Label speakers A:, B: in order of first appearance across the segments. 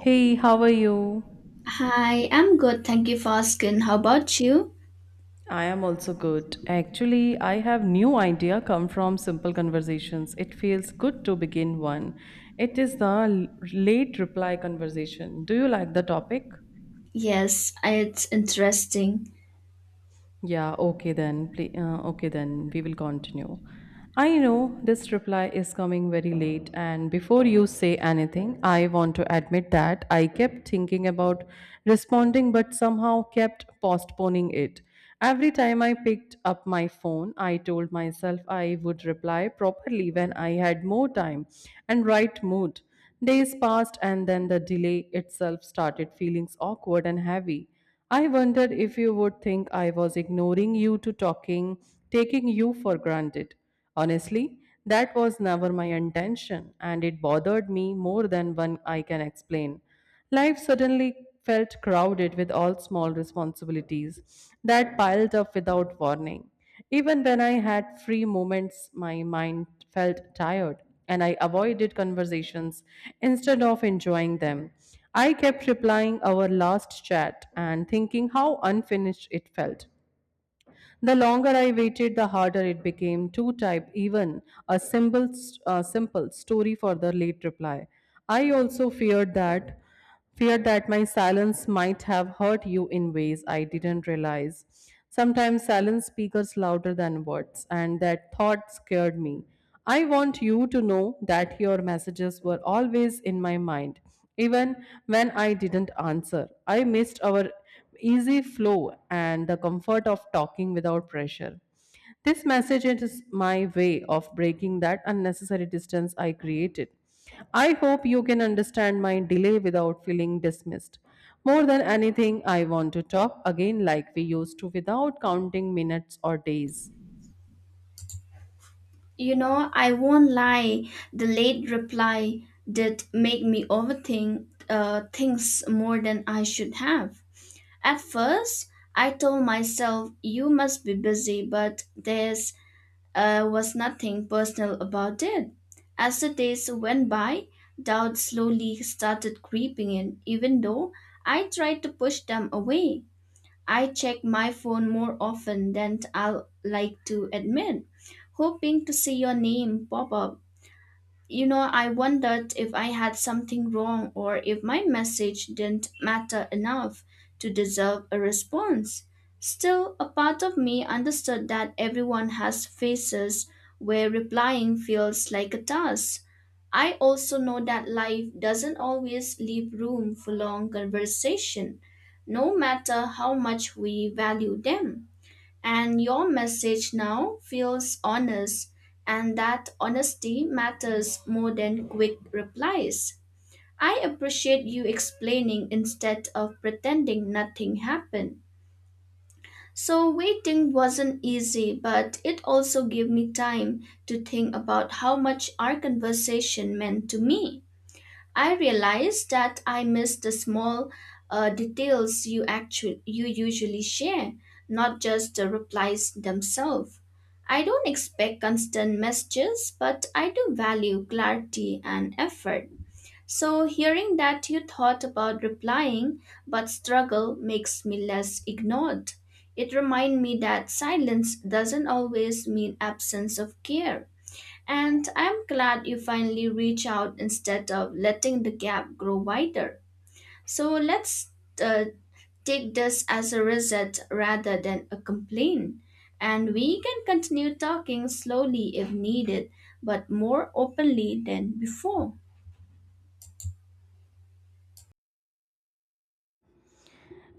A: Hey, how are you?
B: Hi, I'm good. Thank you for asking. How about you?
A: I am also good. Actually, I have new idea come from simple conversations. It feels good to begin one. It is the late reply conversation. Do you like the topic?
B: Yes, it's interesting.
A: Yeah, okay then. Okay then, we will continue. I know this reply is coming very late, and before you say anything, I want to admit that I kept thinking about responding but somehow kept postponing it. Every time I picked up my phone, I told myself I would reply properly when I had more time and right mood. Days passed, and then the delay itself started feeling awkward and heavy. I wondered if you would think I was ignoring you to talking, taking you for granted. Honestly, that was never my intention, and it bothered me more than one I can explain. Life suddenly felt crowded with all small responsibilities that piled up without warning. Even when I had free moments, my mind felt tired and I avoided conversations instead of enjoying them. I kept replying our last chat and thinking how unfinished it felt. The longer I waited, the harder it became to type even a simple story for the late reply. I also feared that my silence might have hurt you in ways I didn't realize. Sometimes silence speaks louder than words, and that thought scared me. I want you to know that your messages were always in my mind, even when I didn't answer. I missed our easy flow and the comfort of talking without pressure. This message is my way of breaking that unnecessary distance I created. I hope you can understand my delay without feeling dismissed. More than anything, I want to talk again like we used to without counting minutes or days.
B: You know, I won't lie, the late reply did make me overthink things more than I should have. At first, I told myself, you must be busy, but there was nothing personal about it. As the days went by, doubts slowly started creeping in, even though I tried to push them away. I check my phone more often than I'll like to admit, hoping to see your name pop up. You know, I wondered if I had something wrong or if my message didn't matter enough to deserve a response. Still, a part of me understood that everyone has phases where replying feels like a task. I also know that life doesn't always leave room for long conversation, no matter how much we value them. And your message now feels honest, and that honesty matters more than quick replies. I appreciate you explaining instead of pretending nothing happened. So, waiting wasn't easy, but it also gave me time to think about how much our conversation meant to me. I realized that I missed the small details you actually you usually share, not just the replies themselves. I don't expect constant messages, but I do value clarity and effort. So hearing that you thought about replying but struggle makes me less ignored. It reminds me that silence doesn't always mean absence of care. And I'm glad you finally reach out instead of letting the gap grow wider. So let's uh, take this as a reset rather than a complaint. And we can continue talking slowly if needed, but more openly than before.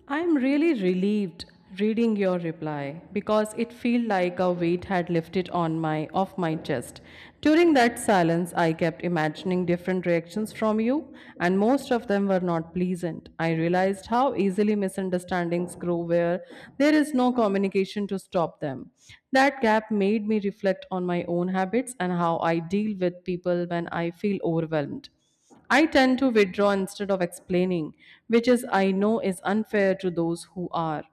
A: I'm really relieved reading your reply because it felt like a weight had lifted on my off my chest. During that silence, I kept imagining different reactions from you, and most of them were not pleasant. I realized how easily misunderstandings grow where there is no communication to stop them. That gap made me reflect on my own habits and how I deal with people when I feel overwhelmed. I tend to withdraw instead of explaining, which is I know is unfair to those who are.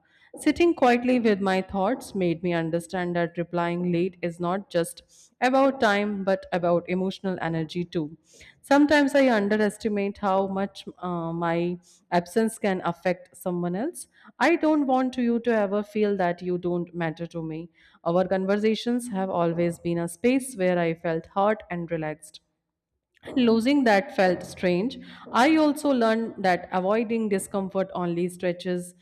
A: Sitting quietly with my thoughts made me understand that replying late is not just about time but about emotional energy too. Sometimes I underestimate how much my absence can affect someone else. I don't want you to ever feel that you don't matter to me. Our conversations have always been a space where I felt hurt and relaxed. Losing that felt strange. I also learned that avoiding discomfort only stretches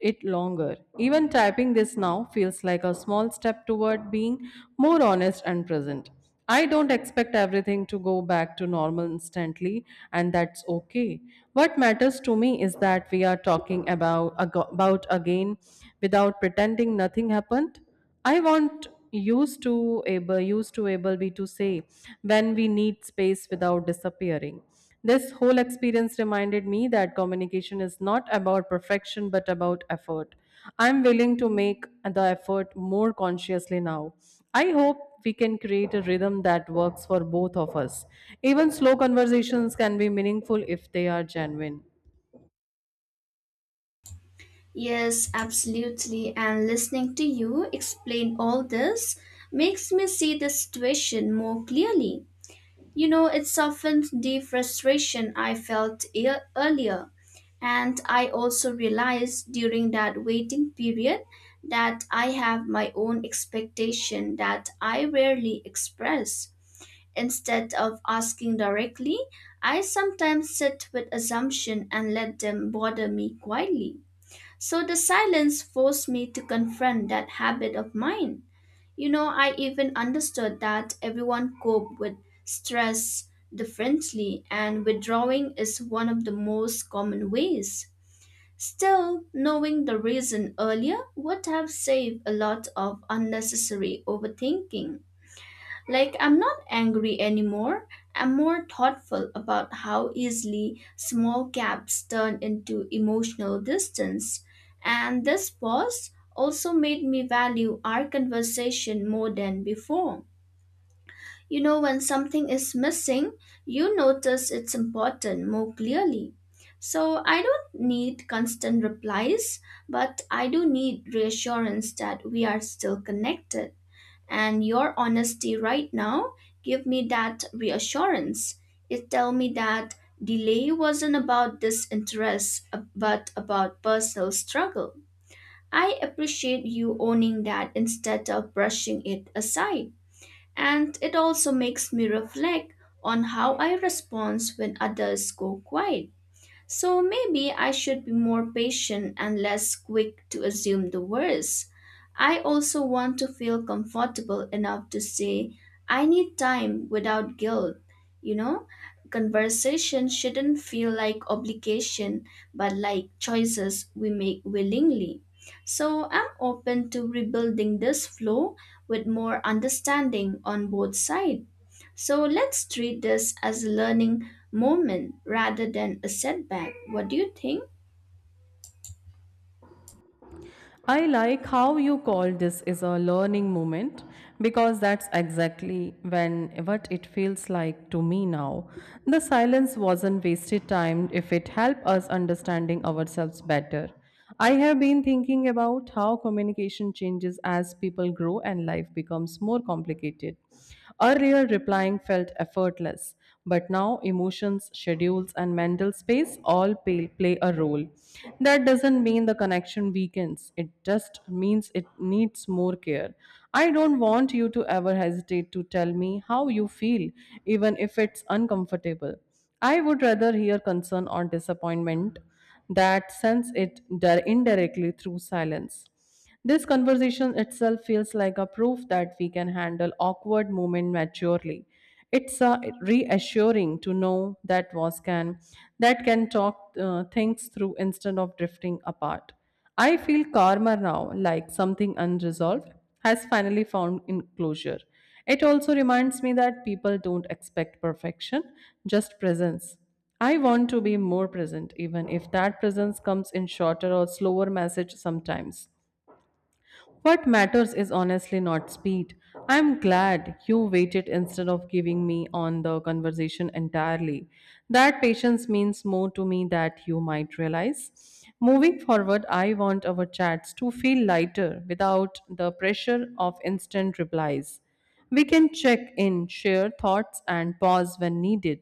A: it longer. Even typing this now feels like a small step toward being more honest and present. I don't expect everything to go back to normal instantly, and that's okay. What matters to me is that we are talking about again without pretending nothing happened. I want used to able be to say when we need space without disappearing. This whole experience reminded me that communication is not about perfection but about effort. I'm willing to make the effort more consciously now. I hope we can create a rhythm that works for both of us. Even slow conversations can be meaningful if they are genuine.
B: Yes, absolutely. And listening to you explain all this makes me see the situation more clearly. You know, it softened the frustration I felt earlier. And I also realized during that waiting period that I have my own expectation that I rarely express. Instead of asking directly, I sometimes sit with assumption and let them bother me quietly. So the silence forced me to confront that habit of mine. You know, I even understood that everyone cope with stress differently and withdrawing is one of the most common ways. Still, knowing the reason earlier would have saved a lot of unnecessary overthinking. Like, I'm not angry anymore. I'm more thoughtful about how easily small gaps turn into emotional distance. And this pause also made me value our conversation more than before. You know, when something is missing, you notice it's important more clearly. So, I don't need constant replies, but I do need reassurance that we are still connected and your honesty right now give me that reassurance it tell me that delay wasn't about disinterest but about personal struggle I appreciate you owning that instead of brushing it aside and it also makes me reflect on how I respond when others go quiet so maybe I should be more patient and less quick to assume the worst. I also want to feel comfortable enough to say, I need time without guilt. You know, conversation shouldn't feel like obligation, but like choices we make willingly. So I'm open to rebuilding this flow with more understanding on both sides. So let's treat this as a learning moment rather than a setback. What do you think?
A: I like how you call this is a learning moment because that's exactly when what it feels like to me now. The silence wasn't wasted time if it helped us understanding ourselves better. I have been thinking about how communication changes as people grow and life becomes more complicated. Earlier replying felt effortless, but now, emotions, schedules, and mental space all play a role. That doesn't mean the connection weakens, it just means it needs more care. I don't want you to ever hesitate to tell me how you feel, even if it's uncomfortable. I would rather hear concern or disappointment that sense it indirectly through silence. This conversation itself feels like a proof that we can handle awkward moments maturely. It's Reassuring to know that was can that can talk things through instead of drifting apart. I feel calmer now, like something unresolved has finally found in closure. It also reminds me that people don't expect perfection, just presence. I want to be more present, even if that presence comes in shorter or slower message sometimes. What matters is honestly not speed. I'm glad you waited instead of giving me on the conversation entirely. That patience means more to me that you might realize. Moving forward, I want our chats to feel lighter without the pressure of instant replies. We can check in, share thoughts, and pause when needed.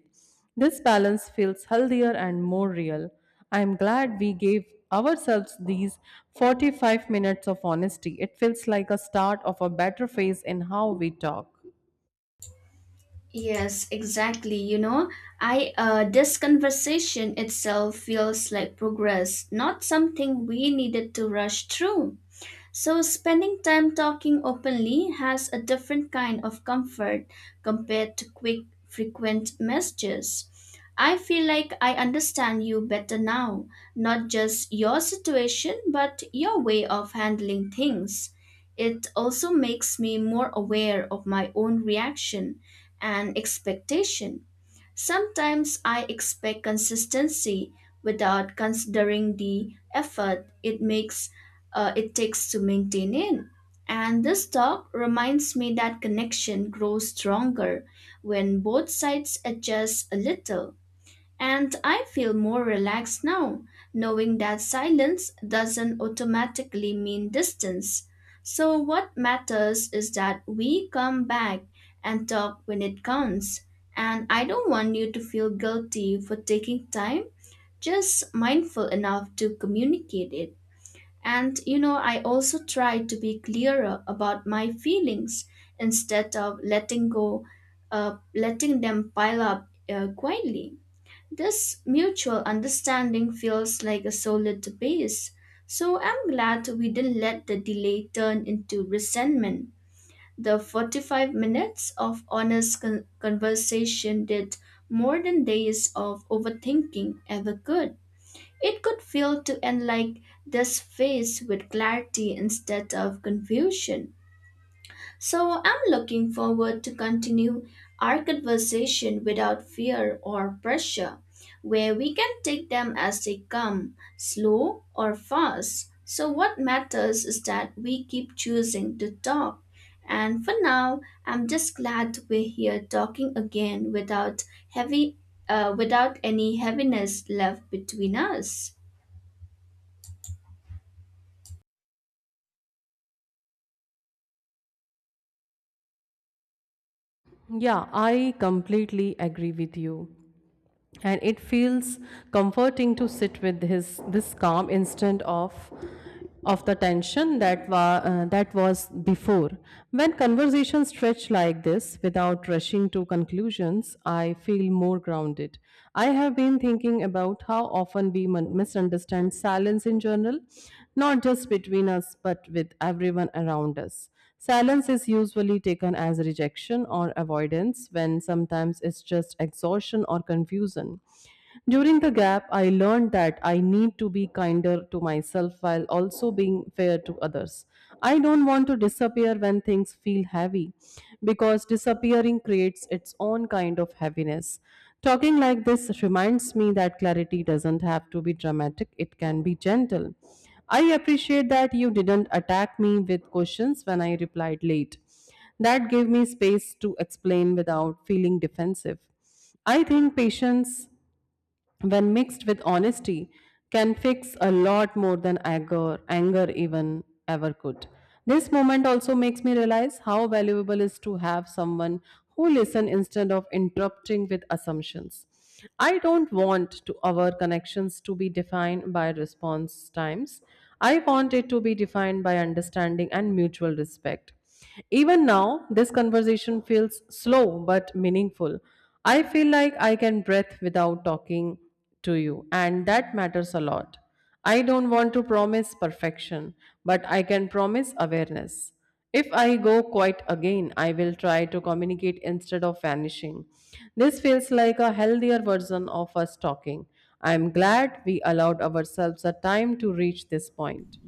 A: This balance feels healthier and more real. I am glad we gave ourselves these 45 minutes of honesty. It feels like a start of a better phase in how we talk.
B: Yes, exactly. You know, I this conversation itself feels like progress, not something we needed to rush through. So, spending time talking openly has a different kind of comfort compared to quick, frequent messages. I feel like I understand you better now, not just your situation, but your way of handling things. It also makes me more aware of my own reaction and expectation. Sometimes I expect consistency without considering the effort it takes to maintain it. And this talk reminds me that connection grows stronger when both sides adjust a little. And I feel more relaxed now, knowing that silence doesn't automatically mean distance. So, what matters is that we come back and talk when it counts. And I don't want you to feel guilty for taking time, just mindful enough to communicate it. And you know, I also try to be clearer about my feelings instead of letting them pile up quietly. This mutual understanding feels like a solid base, so I'm glad we didn't let the delay turn into resentment. The 45 minutes of honest conversation did more than days of overthinking ever could. It could feel to end like this phase with clarity instead of confusion. So I'm looking forward to continue our conversation without fear or pressure, where we can take them as they come, slow or fast. So what matters is that we keep choosing to talk. And for now, I'm just glad we're here talking again without heavy without any heaviness left between us.
A: Yeah, I completely agree with you. And it feels comforting to sit with his this calm instant of the tension that was before. When conversations stretch like this without rushing to conclusions, I feel more grounded. I have been thinking about how often we misunderstand silence in general, not just between us but with everyone around us. Silence is usually taken as rejection or avoidance, when sometimes it's just exhaustion or confusion. During the gap, I learned that I need to be kinder to myself while also being fair to others. I don't want to disappear when things feel heavy because disappearing creates its own kind of heaviness. Talking like this reminds me that clarity doesn't have to be dramatic, it can be gentle. I appreciate that you didn't attack me with questions when I replied late. That gave me space to explain without feeling defensive. I think patience, when mixed with honesty, can fix a lot more than anger even ever could. This moment also makes me realize how valuable is to have someone who listen instead of interrupting with assumptions. I don't want to our connections to be defined by response times. I want it to be defined by understanding and mutual respect. Even now, this conversation feels slow but meaningful. I feel like I can breathe without talking to you, and that matters a lot. I don't want to promise perfection, but I can promise awareness. If I go quiet again, I will try to communicate instead of vanishing. This feels like a healthier version of us talking. I am glad we allowed ourselves a time to reach this point.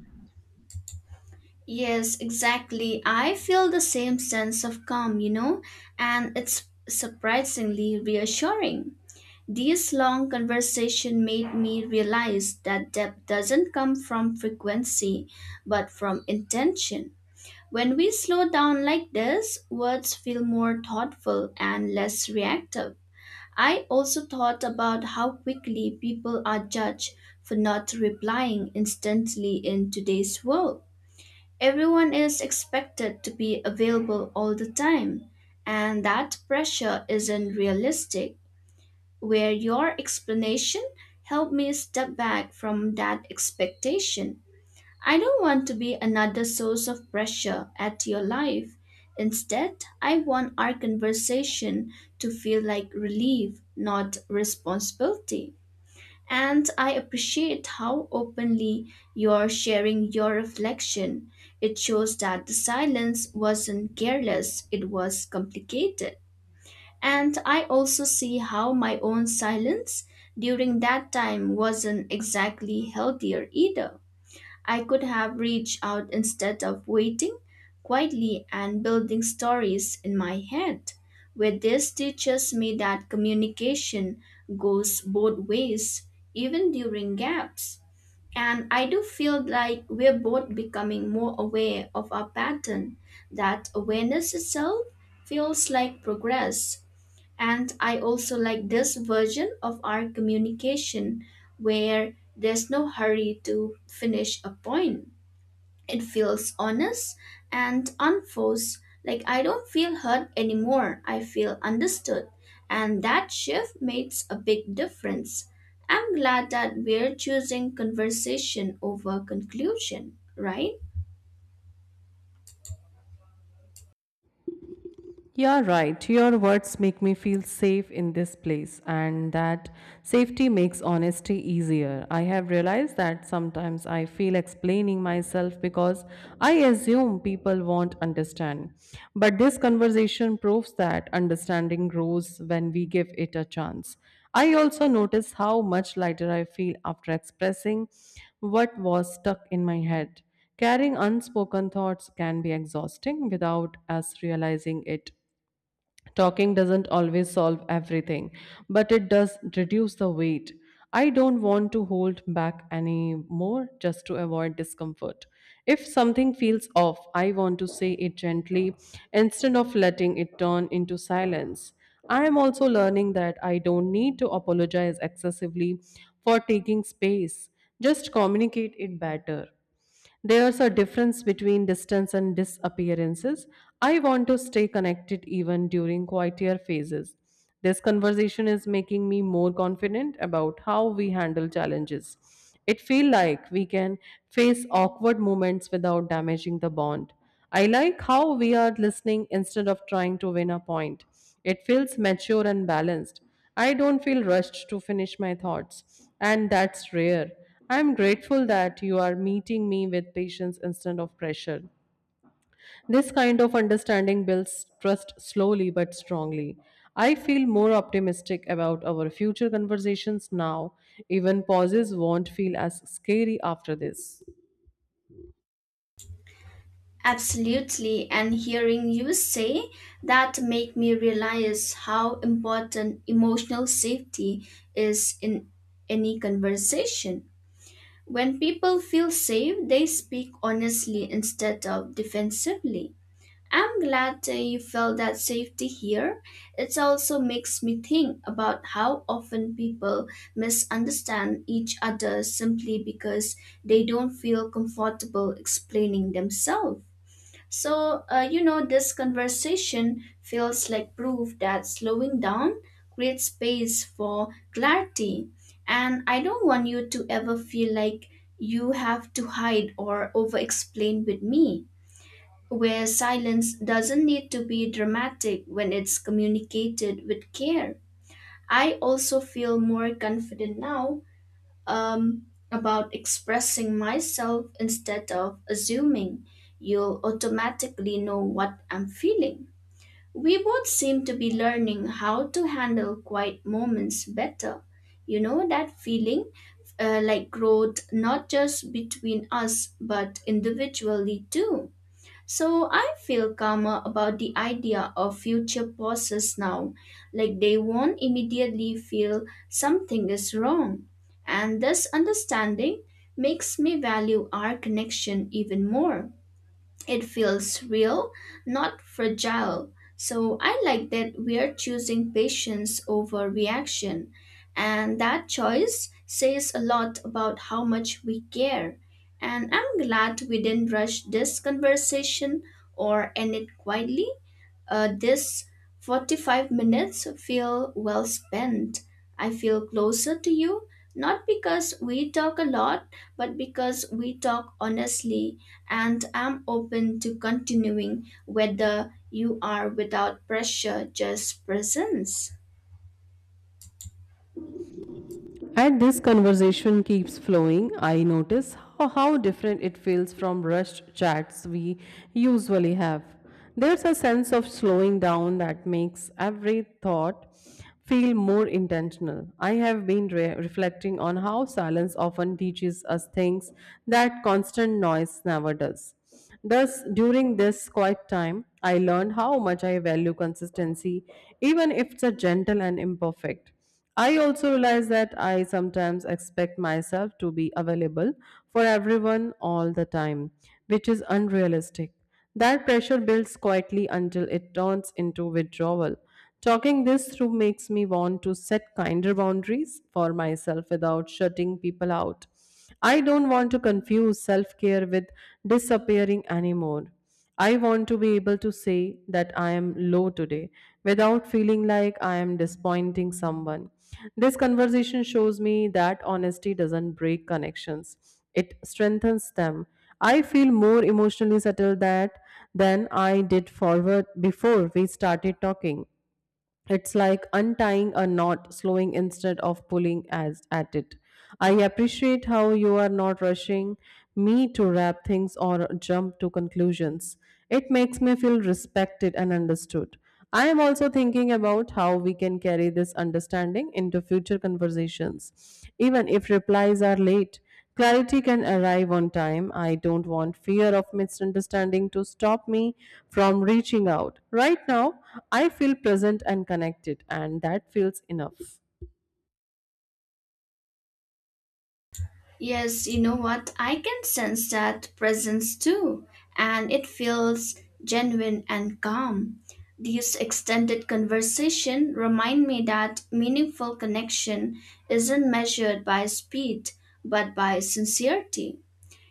B: Yes, exactly. I feel the same sense of calm, you know, and it's surprisingly reassuring. These long conversation made me realize that depth doesn't come from frequency, but from intention. When we slow down like this, words feel more thoughtful and less reactive. I also thought about how quickly people are judged for not replying instantly in today's world. Everyone is expected to be available all the time, and that pressure isn't realistic. Where your explanation helped me step back from that expectation. I don't want to be another source of pressure at your life. Instead, I want our conversation to feel like relief, not responsibility. And I appreciate how openly you're sharing your reflection. It shows that the silence wasn't careless, it was complicated. And I also see how my own silence during that time wasn't exactly healthier either. I could have reached out instead of waiting quietly and building stories in my head. Where this teaches me that communication goes both ways, even during gaps. And I do feel like we're both becoming more aware of our pattern. That awareness itself feels like progress. And I also like this version of our communication where there's no hurry to finish a point it feels honest and unforced. Like I don't feel hurt anymore. I feel understood. And that shift makes a big difference. I'm glad that we're choosing conversation over conclusion, right?
A: You're right. Your words make me feel safe in this place, and that safety makes honesty easier. I have realized that sometimes I feel explaining myself because I assume people won't understand. But this conversation proves that understanding grows when we give it a chance. I also notice how much lighter I feel after expressing what was stuck in my head. Carrying unspoken thoughts can be exhausting without us realizing it. Talking doesn't always solve everything, but it does reduce the weight. I don't want to hold back anymore just to avoid discomfort. If something feels off, I want to say it gently instead of letting it turn into silence. I am also learning that I don't need to apologize excessively for taking space, just communicate it better. There's a difference between distance and disappearances. I want to stay connected even during quieter phases. This conversation is making me more confident about how we handle challenges. It feels like we can face awkward moments without damaging the bond. I like how we are listening instead of trying to win a point. It feels mature and balanced. I don't feel rushed to finish my thoughts, and that's rare. I'm grateful that you are meeting me with patience instead of pressure. This kind of understanding builds trust slowly but strongly. I feel more optimistic about our future conversations now. Even pauses won't feel as scary after this.
B: Absolutely, and hearing you say that make me realize how important emotional safety is in any conversation. When people feel safe, they speak honestly instead of defensively. I'm glad that you felt that safety here. It also makes me think about how often people misunderstand each other simply because they don't feel comfortable explaining themselves. So, you know, this conversation feels like proof that slowing down creates space for clarity. And I don't want you to ever feel like you have to hide or over explain with me, where silence doesn't need to be dramatic when it's communicated with care. I also feel more confident now about expressing myself instead of assuming you'll automatically know what I'm feeling. We both seem to be learning how to handle quiet moments better. You know, that feeling like growth, not just between us, but individually too. So I feel calmer about the idea of future bosses now, like they won't immediately feel something is wrong. And this understanding makes me value our connection even more. It feels real, not fragile. So I like that we're choosing patience over reaction. And that choice says a lot about how much we care. And I'm glad we didn't rush this conversation or end it quietly. This 45 minutes feel well spent. I feel closer to you, not because we talk a lot, but because we talk honestly, and I'm open to continuing whether you are without pressure, just presence.
A: As this conversation keeps flowing, I notice how different it feels from rushed chats we usually have. There's a sense of slowing down that makes every thought feel more intentional. I have been reflecting on how silence often teaches us things that constant noise never does. Thus, during this quiet time, I learned how much I value consistency, even if it's a gentle and imperfect. I also realize that I sometimes expect myself to be available for everyone all the time, which is unrealistic. That pressure builds quietly until it turns into withdrawal. Talking this through makes me want to set kinder boundaries for myself without shutting people out. I don't want to confuse self care with disappearing anymore. I want to be able to say that I am low today without feeling like I am disappointing someone. This conversation shows me that honesty doesn't break connections, it strengthens them. I feel more emotionally settled that than I did forward before we started talking. It's like untying a knot, slowing instead of pulling as at it. I appreciate how you are not rushing me to wrap things or jump to conclusions. It makes me feel respected and understood. I am also thinking about how we can carry this understanding into future conversations. Even if replies are late, clarity can arrive on time. I don't want fear of misunderstanding to stop me from reaching out. Right now, I feel present and connected, and that feels enough.
B: Yes, you know what? I can sense that presence too, and it feels genuine and calm. These extended conversation remind me that meaningful connection isn't measured by speed, but by sincerity.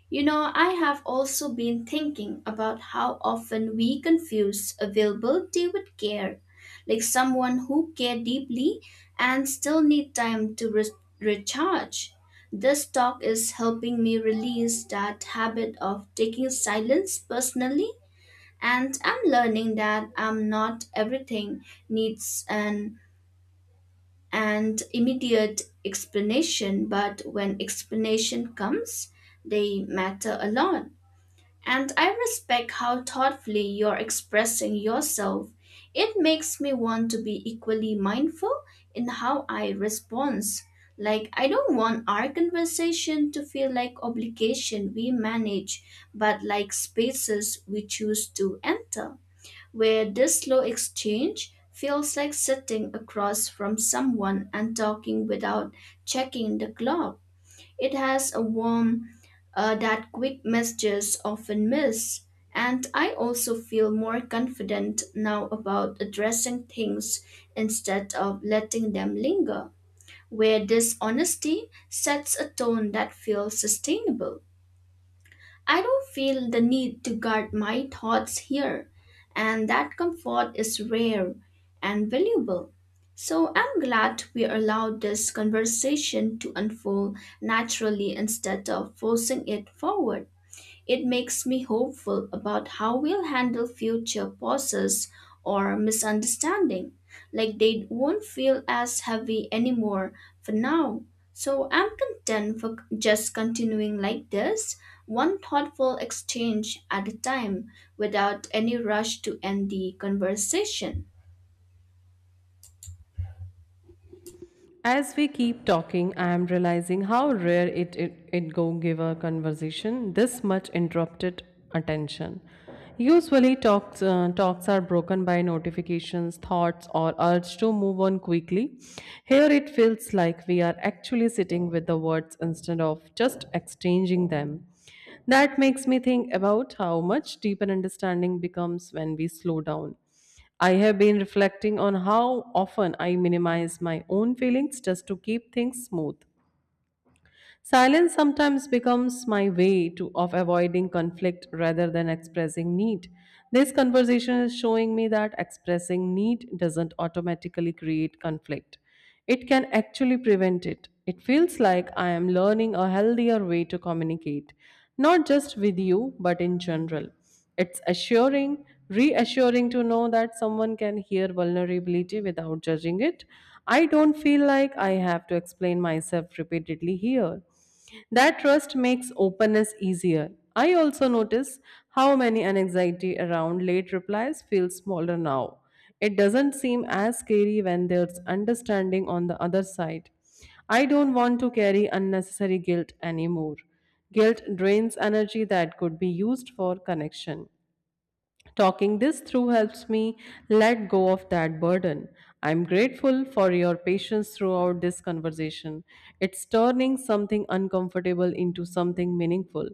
B: You know, I have also been thinking about how often we confuse availability with care, like someone who care deeply and still need time to recharge. This talk is helping me release that habit of taking silence personally, and I'm learning that I'm not everything needs an and immediate explanation, but when explanation comes, they matter a lot. And I respect how thoughtfully you're expressing yourself. It makes me want to be equally mindful in how I respond. Like, I don't want our conversation to feel like obligation we manage, but like spaces we choose to enter, where this slow exchange feels like sitting across from someone and talking without checking the clock. It has a warmth that quick messages often miss. And I also feel more confident now about addressing things instead of letting them linger, where this honesty sets a tone that feels sustainable. I don't feel the need to guard my thoughts here, and that comfort is rare and valuable. So I'm glad we allowed this conversation to unfold naturally instead of forcing it forward. It makes me hopeful about how we'll handle future pauses or misunderstanding. Like they won't feel as heavy anymore for now. So I'm content for just continuing like this, one thoughtful exchange at a time, without any rush to end the conversation.
A: As we keep talking, I am realizing how rare it it, it go give a conversation this much interrupted attention. Usually, talks are broken by notifications, thoughts, or urge to move on quickly. Here, it feels like we are actually sitting with the words instead of just exchanging them. That makes me think about how much deeper understanding becomes when we slow down. I have been reflecting on how often I minimize my own feelings just to keep things smooth. Silence sometimes becomes my way to of avoiding conflict rather than expressing need. This conversation is showing me that expressing need doesn't automatically create conflict. It can actually prevent it. It feels like I am learning a healthier way to communicate, not just with you, but in general. It's reassuring to know that someone can hear vulnerability without judging it. I don't feel like I have to explain myself repeatedly here. That trust makes openness easier. I also notice how many anxiety around late replies feels smaller now. It doesn't seem as scary when there's understanding on the other side. I don't want to carry unnecessary guilt anymore. Guilt drains energy that could be used for connection. Talking this through helps me let go of that burden. I'm grateful for your patience throughout this conversation. It's turning something uncomfortable into something meaningful.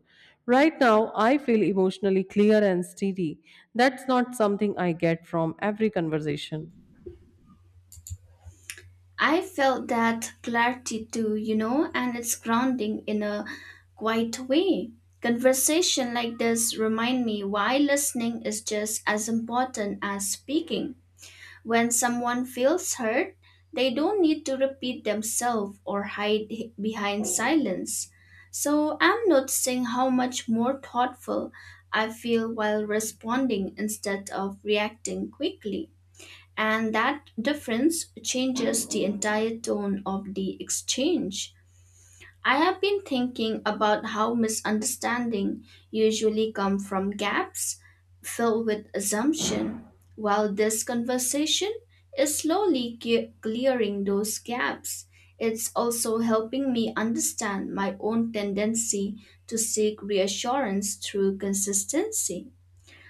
A: Right now, I feel emotionally clear and steady. That's not something I get from every conversation.
B: I felt that clarity too, you know, and it's grounding in a quiet way. Conversation like this remind me why listening is just as important as speaking. When someone feels heard, they don't need to repeat themselves or hide behind silence. So I'm noticing how much more thoughtful I feel while responding instead of reacting quickly and that difference changes the entire tone of the exchange. I have been thinking about how misunderstanding usually come from gaps filled with assumption, while this conversation is slowly clearing those gaps. It's also helping me understand my own tendency to seek reassurance through consistency.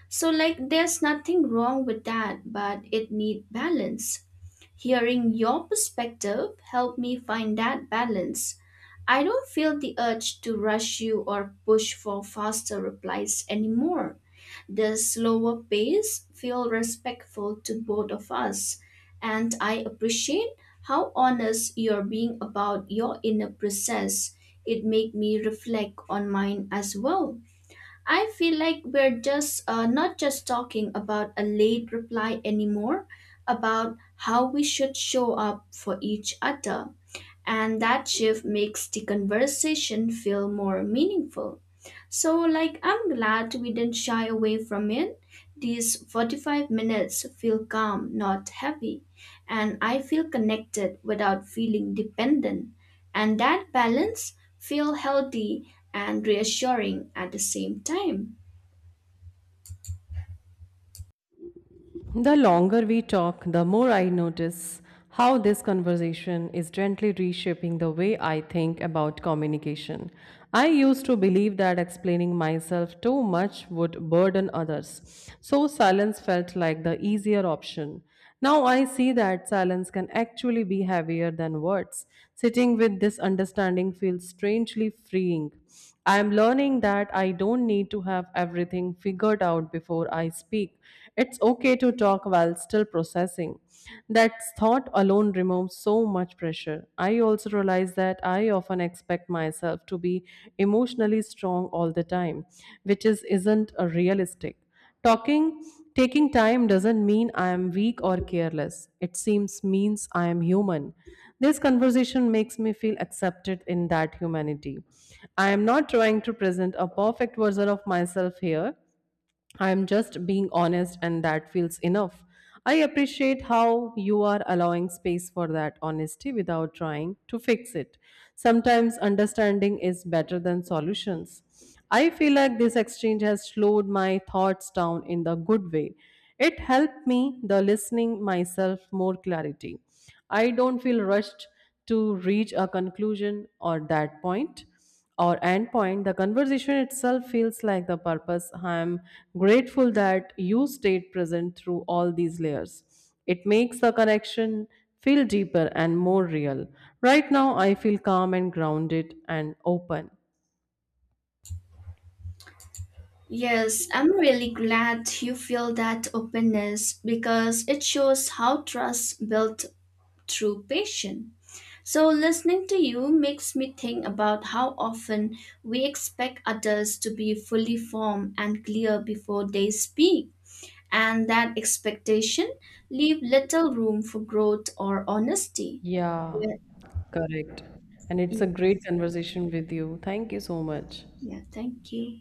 B: So like there's nothing wrong with that, but it need balance. Hearing your perspective helped me find that balance. I don't feel the urge to rush you or push for faster replies anymore. The slower pace feels respectful to both of us, and I appreciate how honest you're being about your inner process. It made me reflect on mine as well. I feel like we're just not just talking about a late reply anymore, about how we should show up for each other. And that shift makes the conversation feel more meaningful. So, like, I'm glad we didn't shy away from it. These 45 minutes feel calm, not heavy. And I feel connected without feeling dependent. And that balance feel healthy and reassuring at the same time.
A: The longer we talk, the more I notice how this conversation is gently reshaping the way I think about communication. I used to believe that explaining myself too much would burden others, so silence felt like the easier option. Now I see that silence can actually be heavier than words. Sitting with this understanding feels strangely freeing. I am learning that I don't need to have everything figured out before I speak. It's okay to talk while still processing. That thought alone removes so much pressure. I also realize that I often expect myself to be emotionally strong all the time, which is isn't a realistic. Talking, taking time doesn't mean I am weak or careless. It seems means I am human. This conversation makes me feel accepted in that humanity. I am not trying to present a perfect version of myself here. I am just being honest, and that feels enough. I appreciate how you are allowing space for that honesty without trying to fix it. Sometimes understanding is better than solutions. I feel like this exchange has slowed my thoughts down in the good way. It helped me, the listening myself, more clarity. I don't feel rushed to reach a conclusion or that point or endpoint, the conversation itself feels like the purpose. I am grateful that you stayed present through all these layers. It makes the connection feel deeper and more real. Right now, I feel calm and grounded and open.
B: Yes, I'm really glad you feel that openness because it shows how trust built through patience. So listening to you makes me think about how often we expect others to be fully formed and clear before they speak, and that expectation leave little room for growth or honesty.
A: Yeah,
B: Yeah,
A: correct. And it's a
B: yeah,
A: great conversation with you. Thank you so much.
B: yeah, thank you.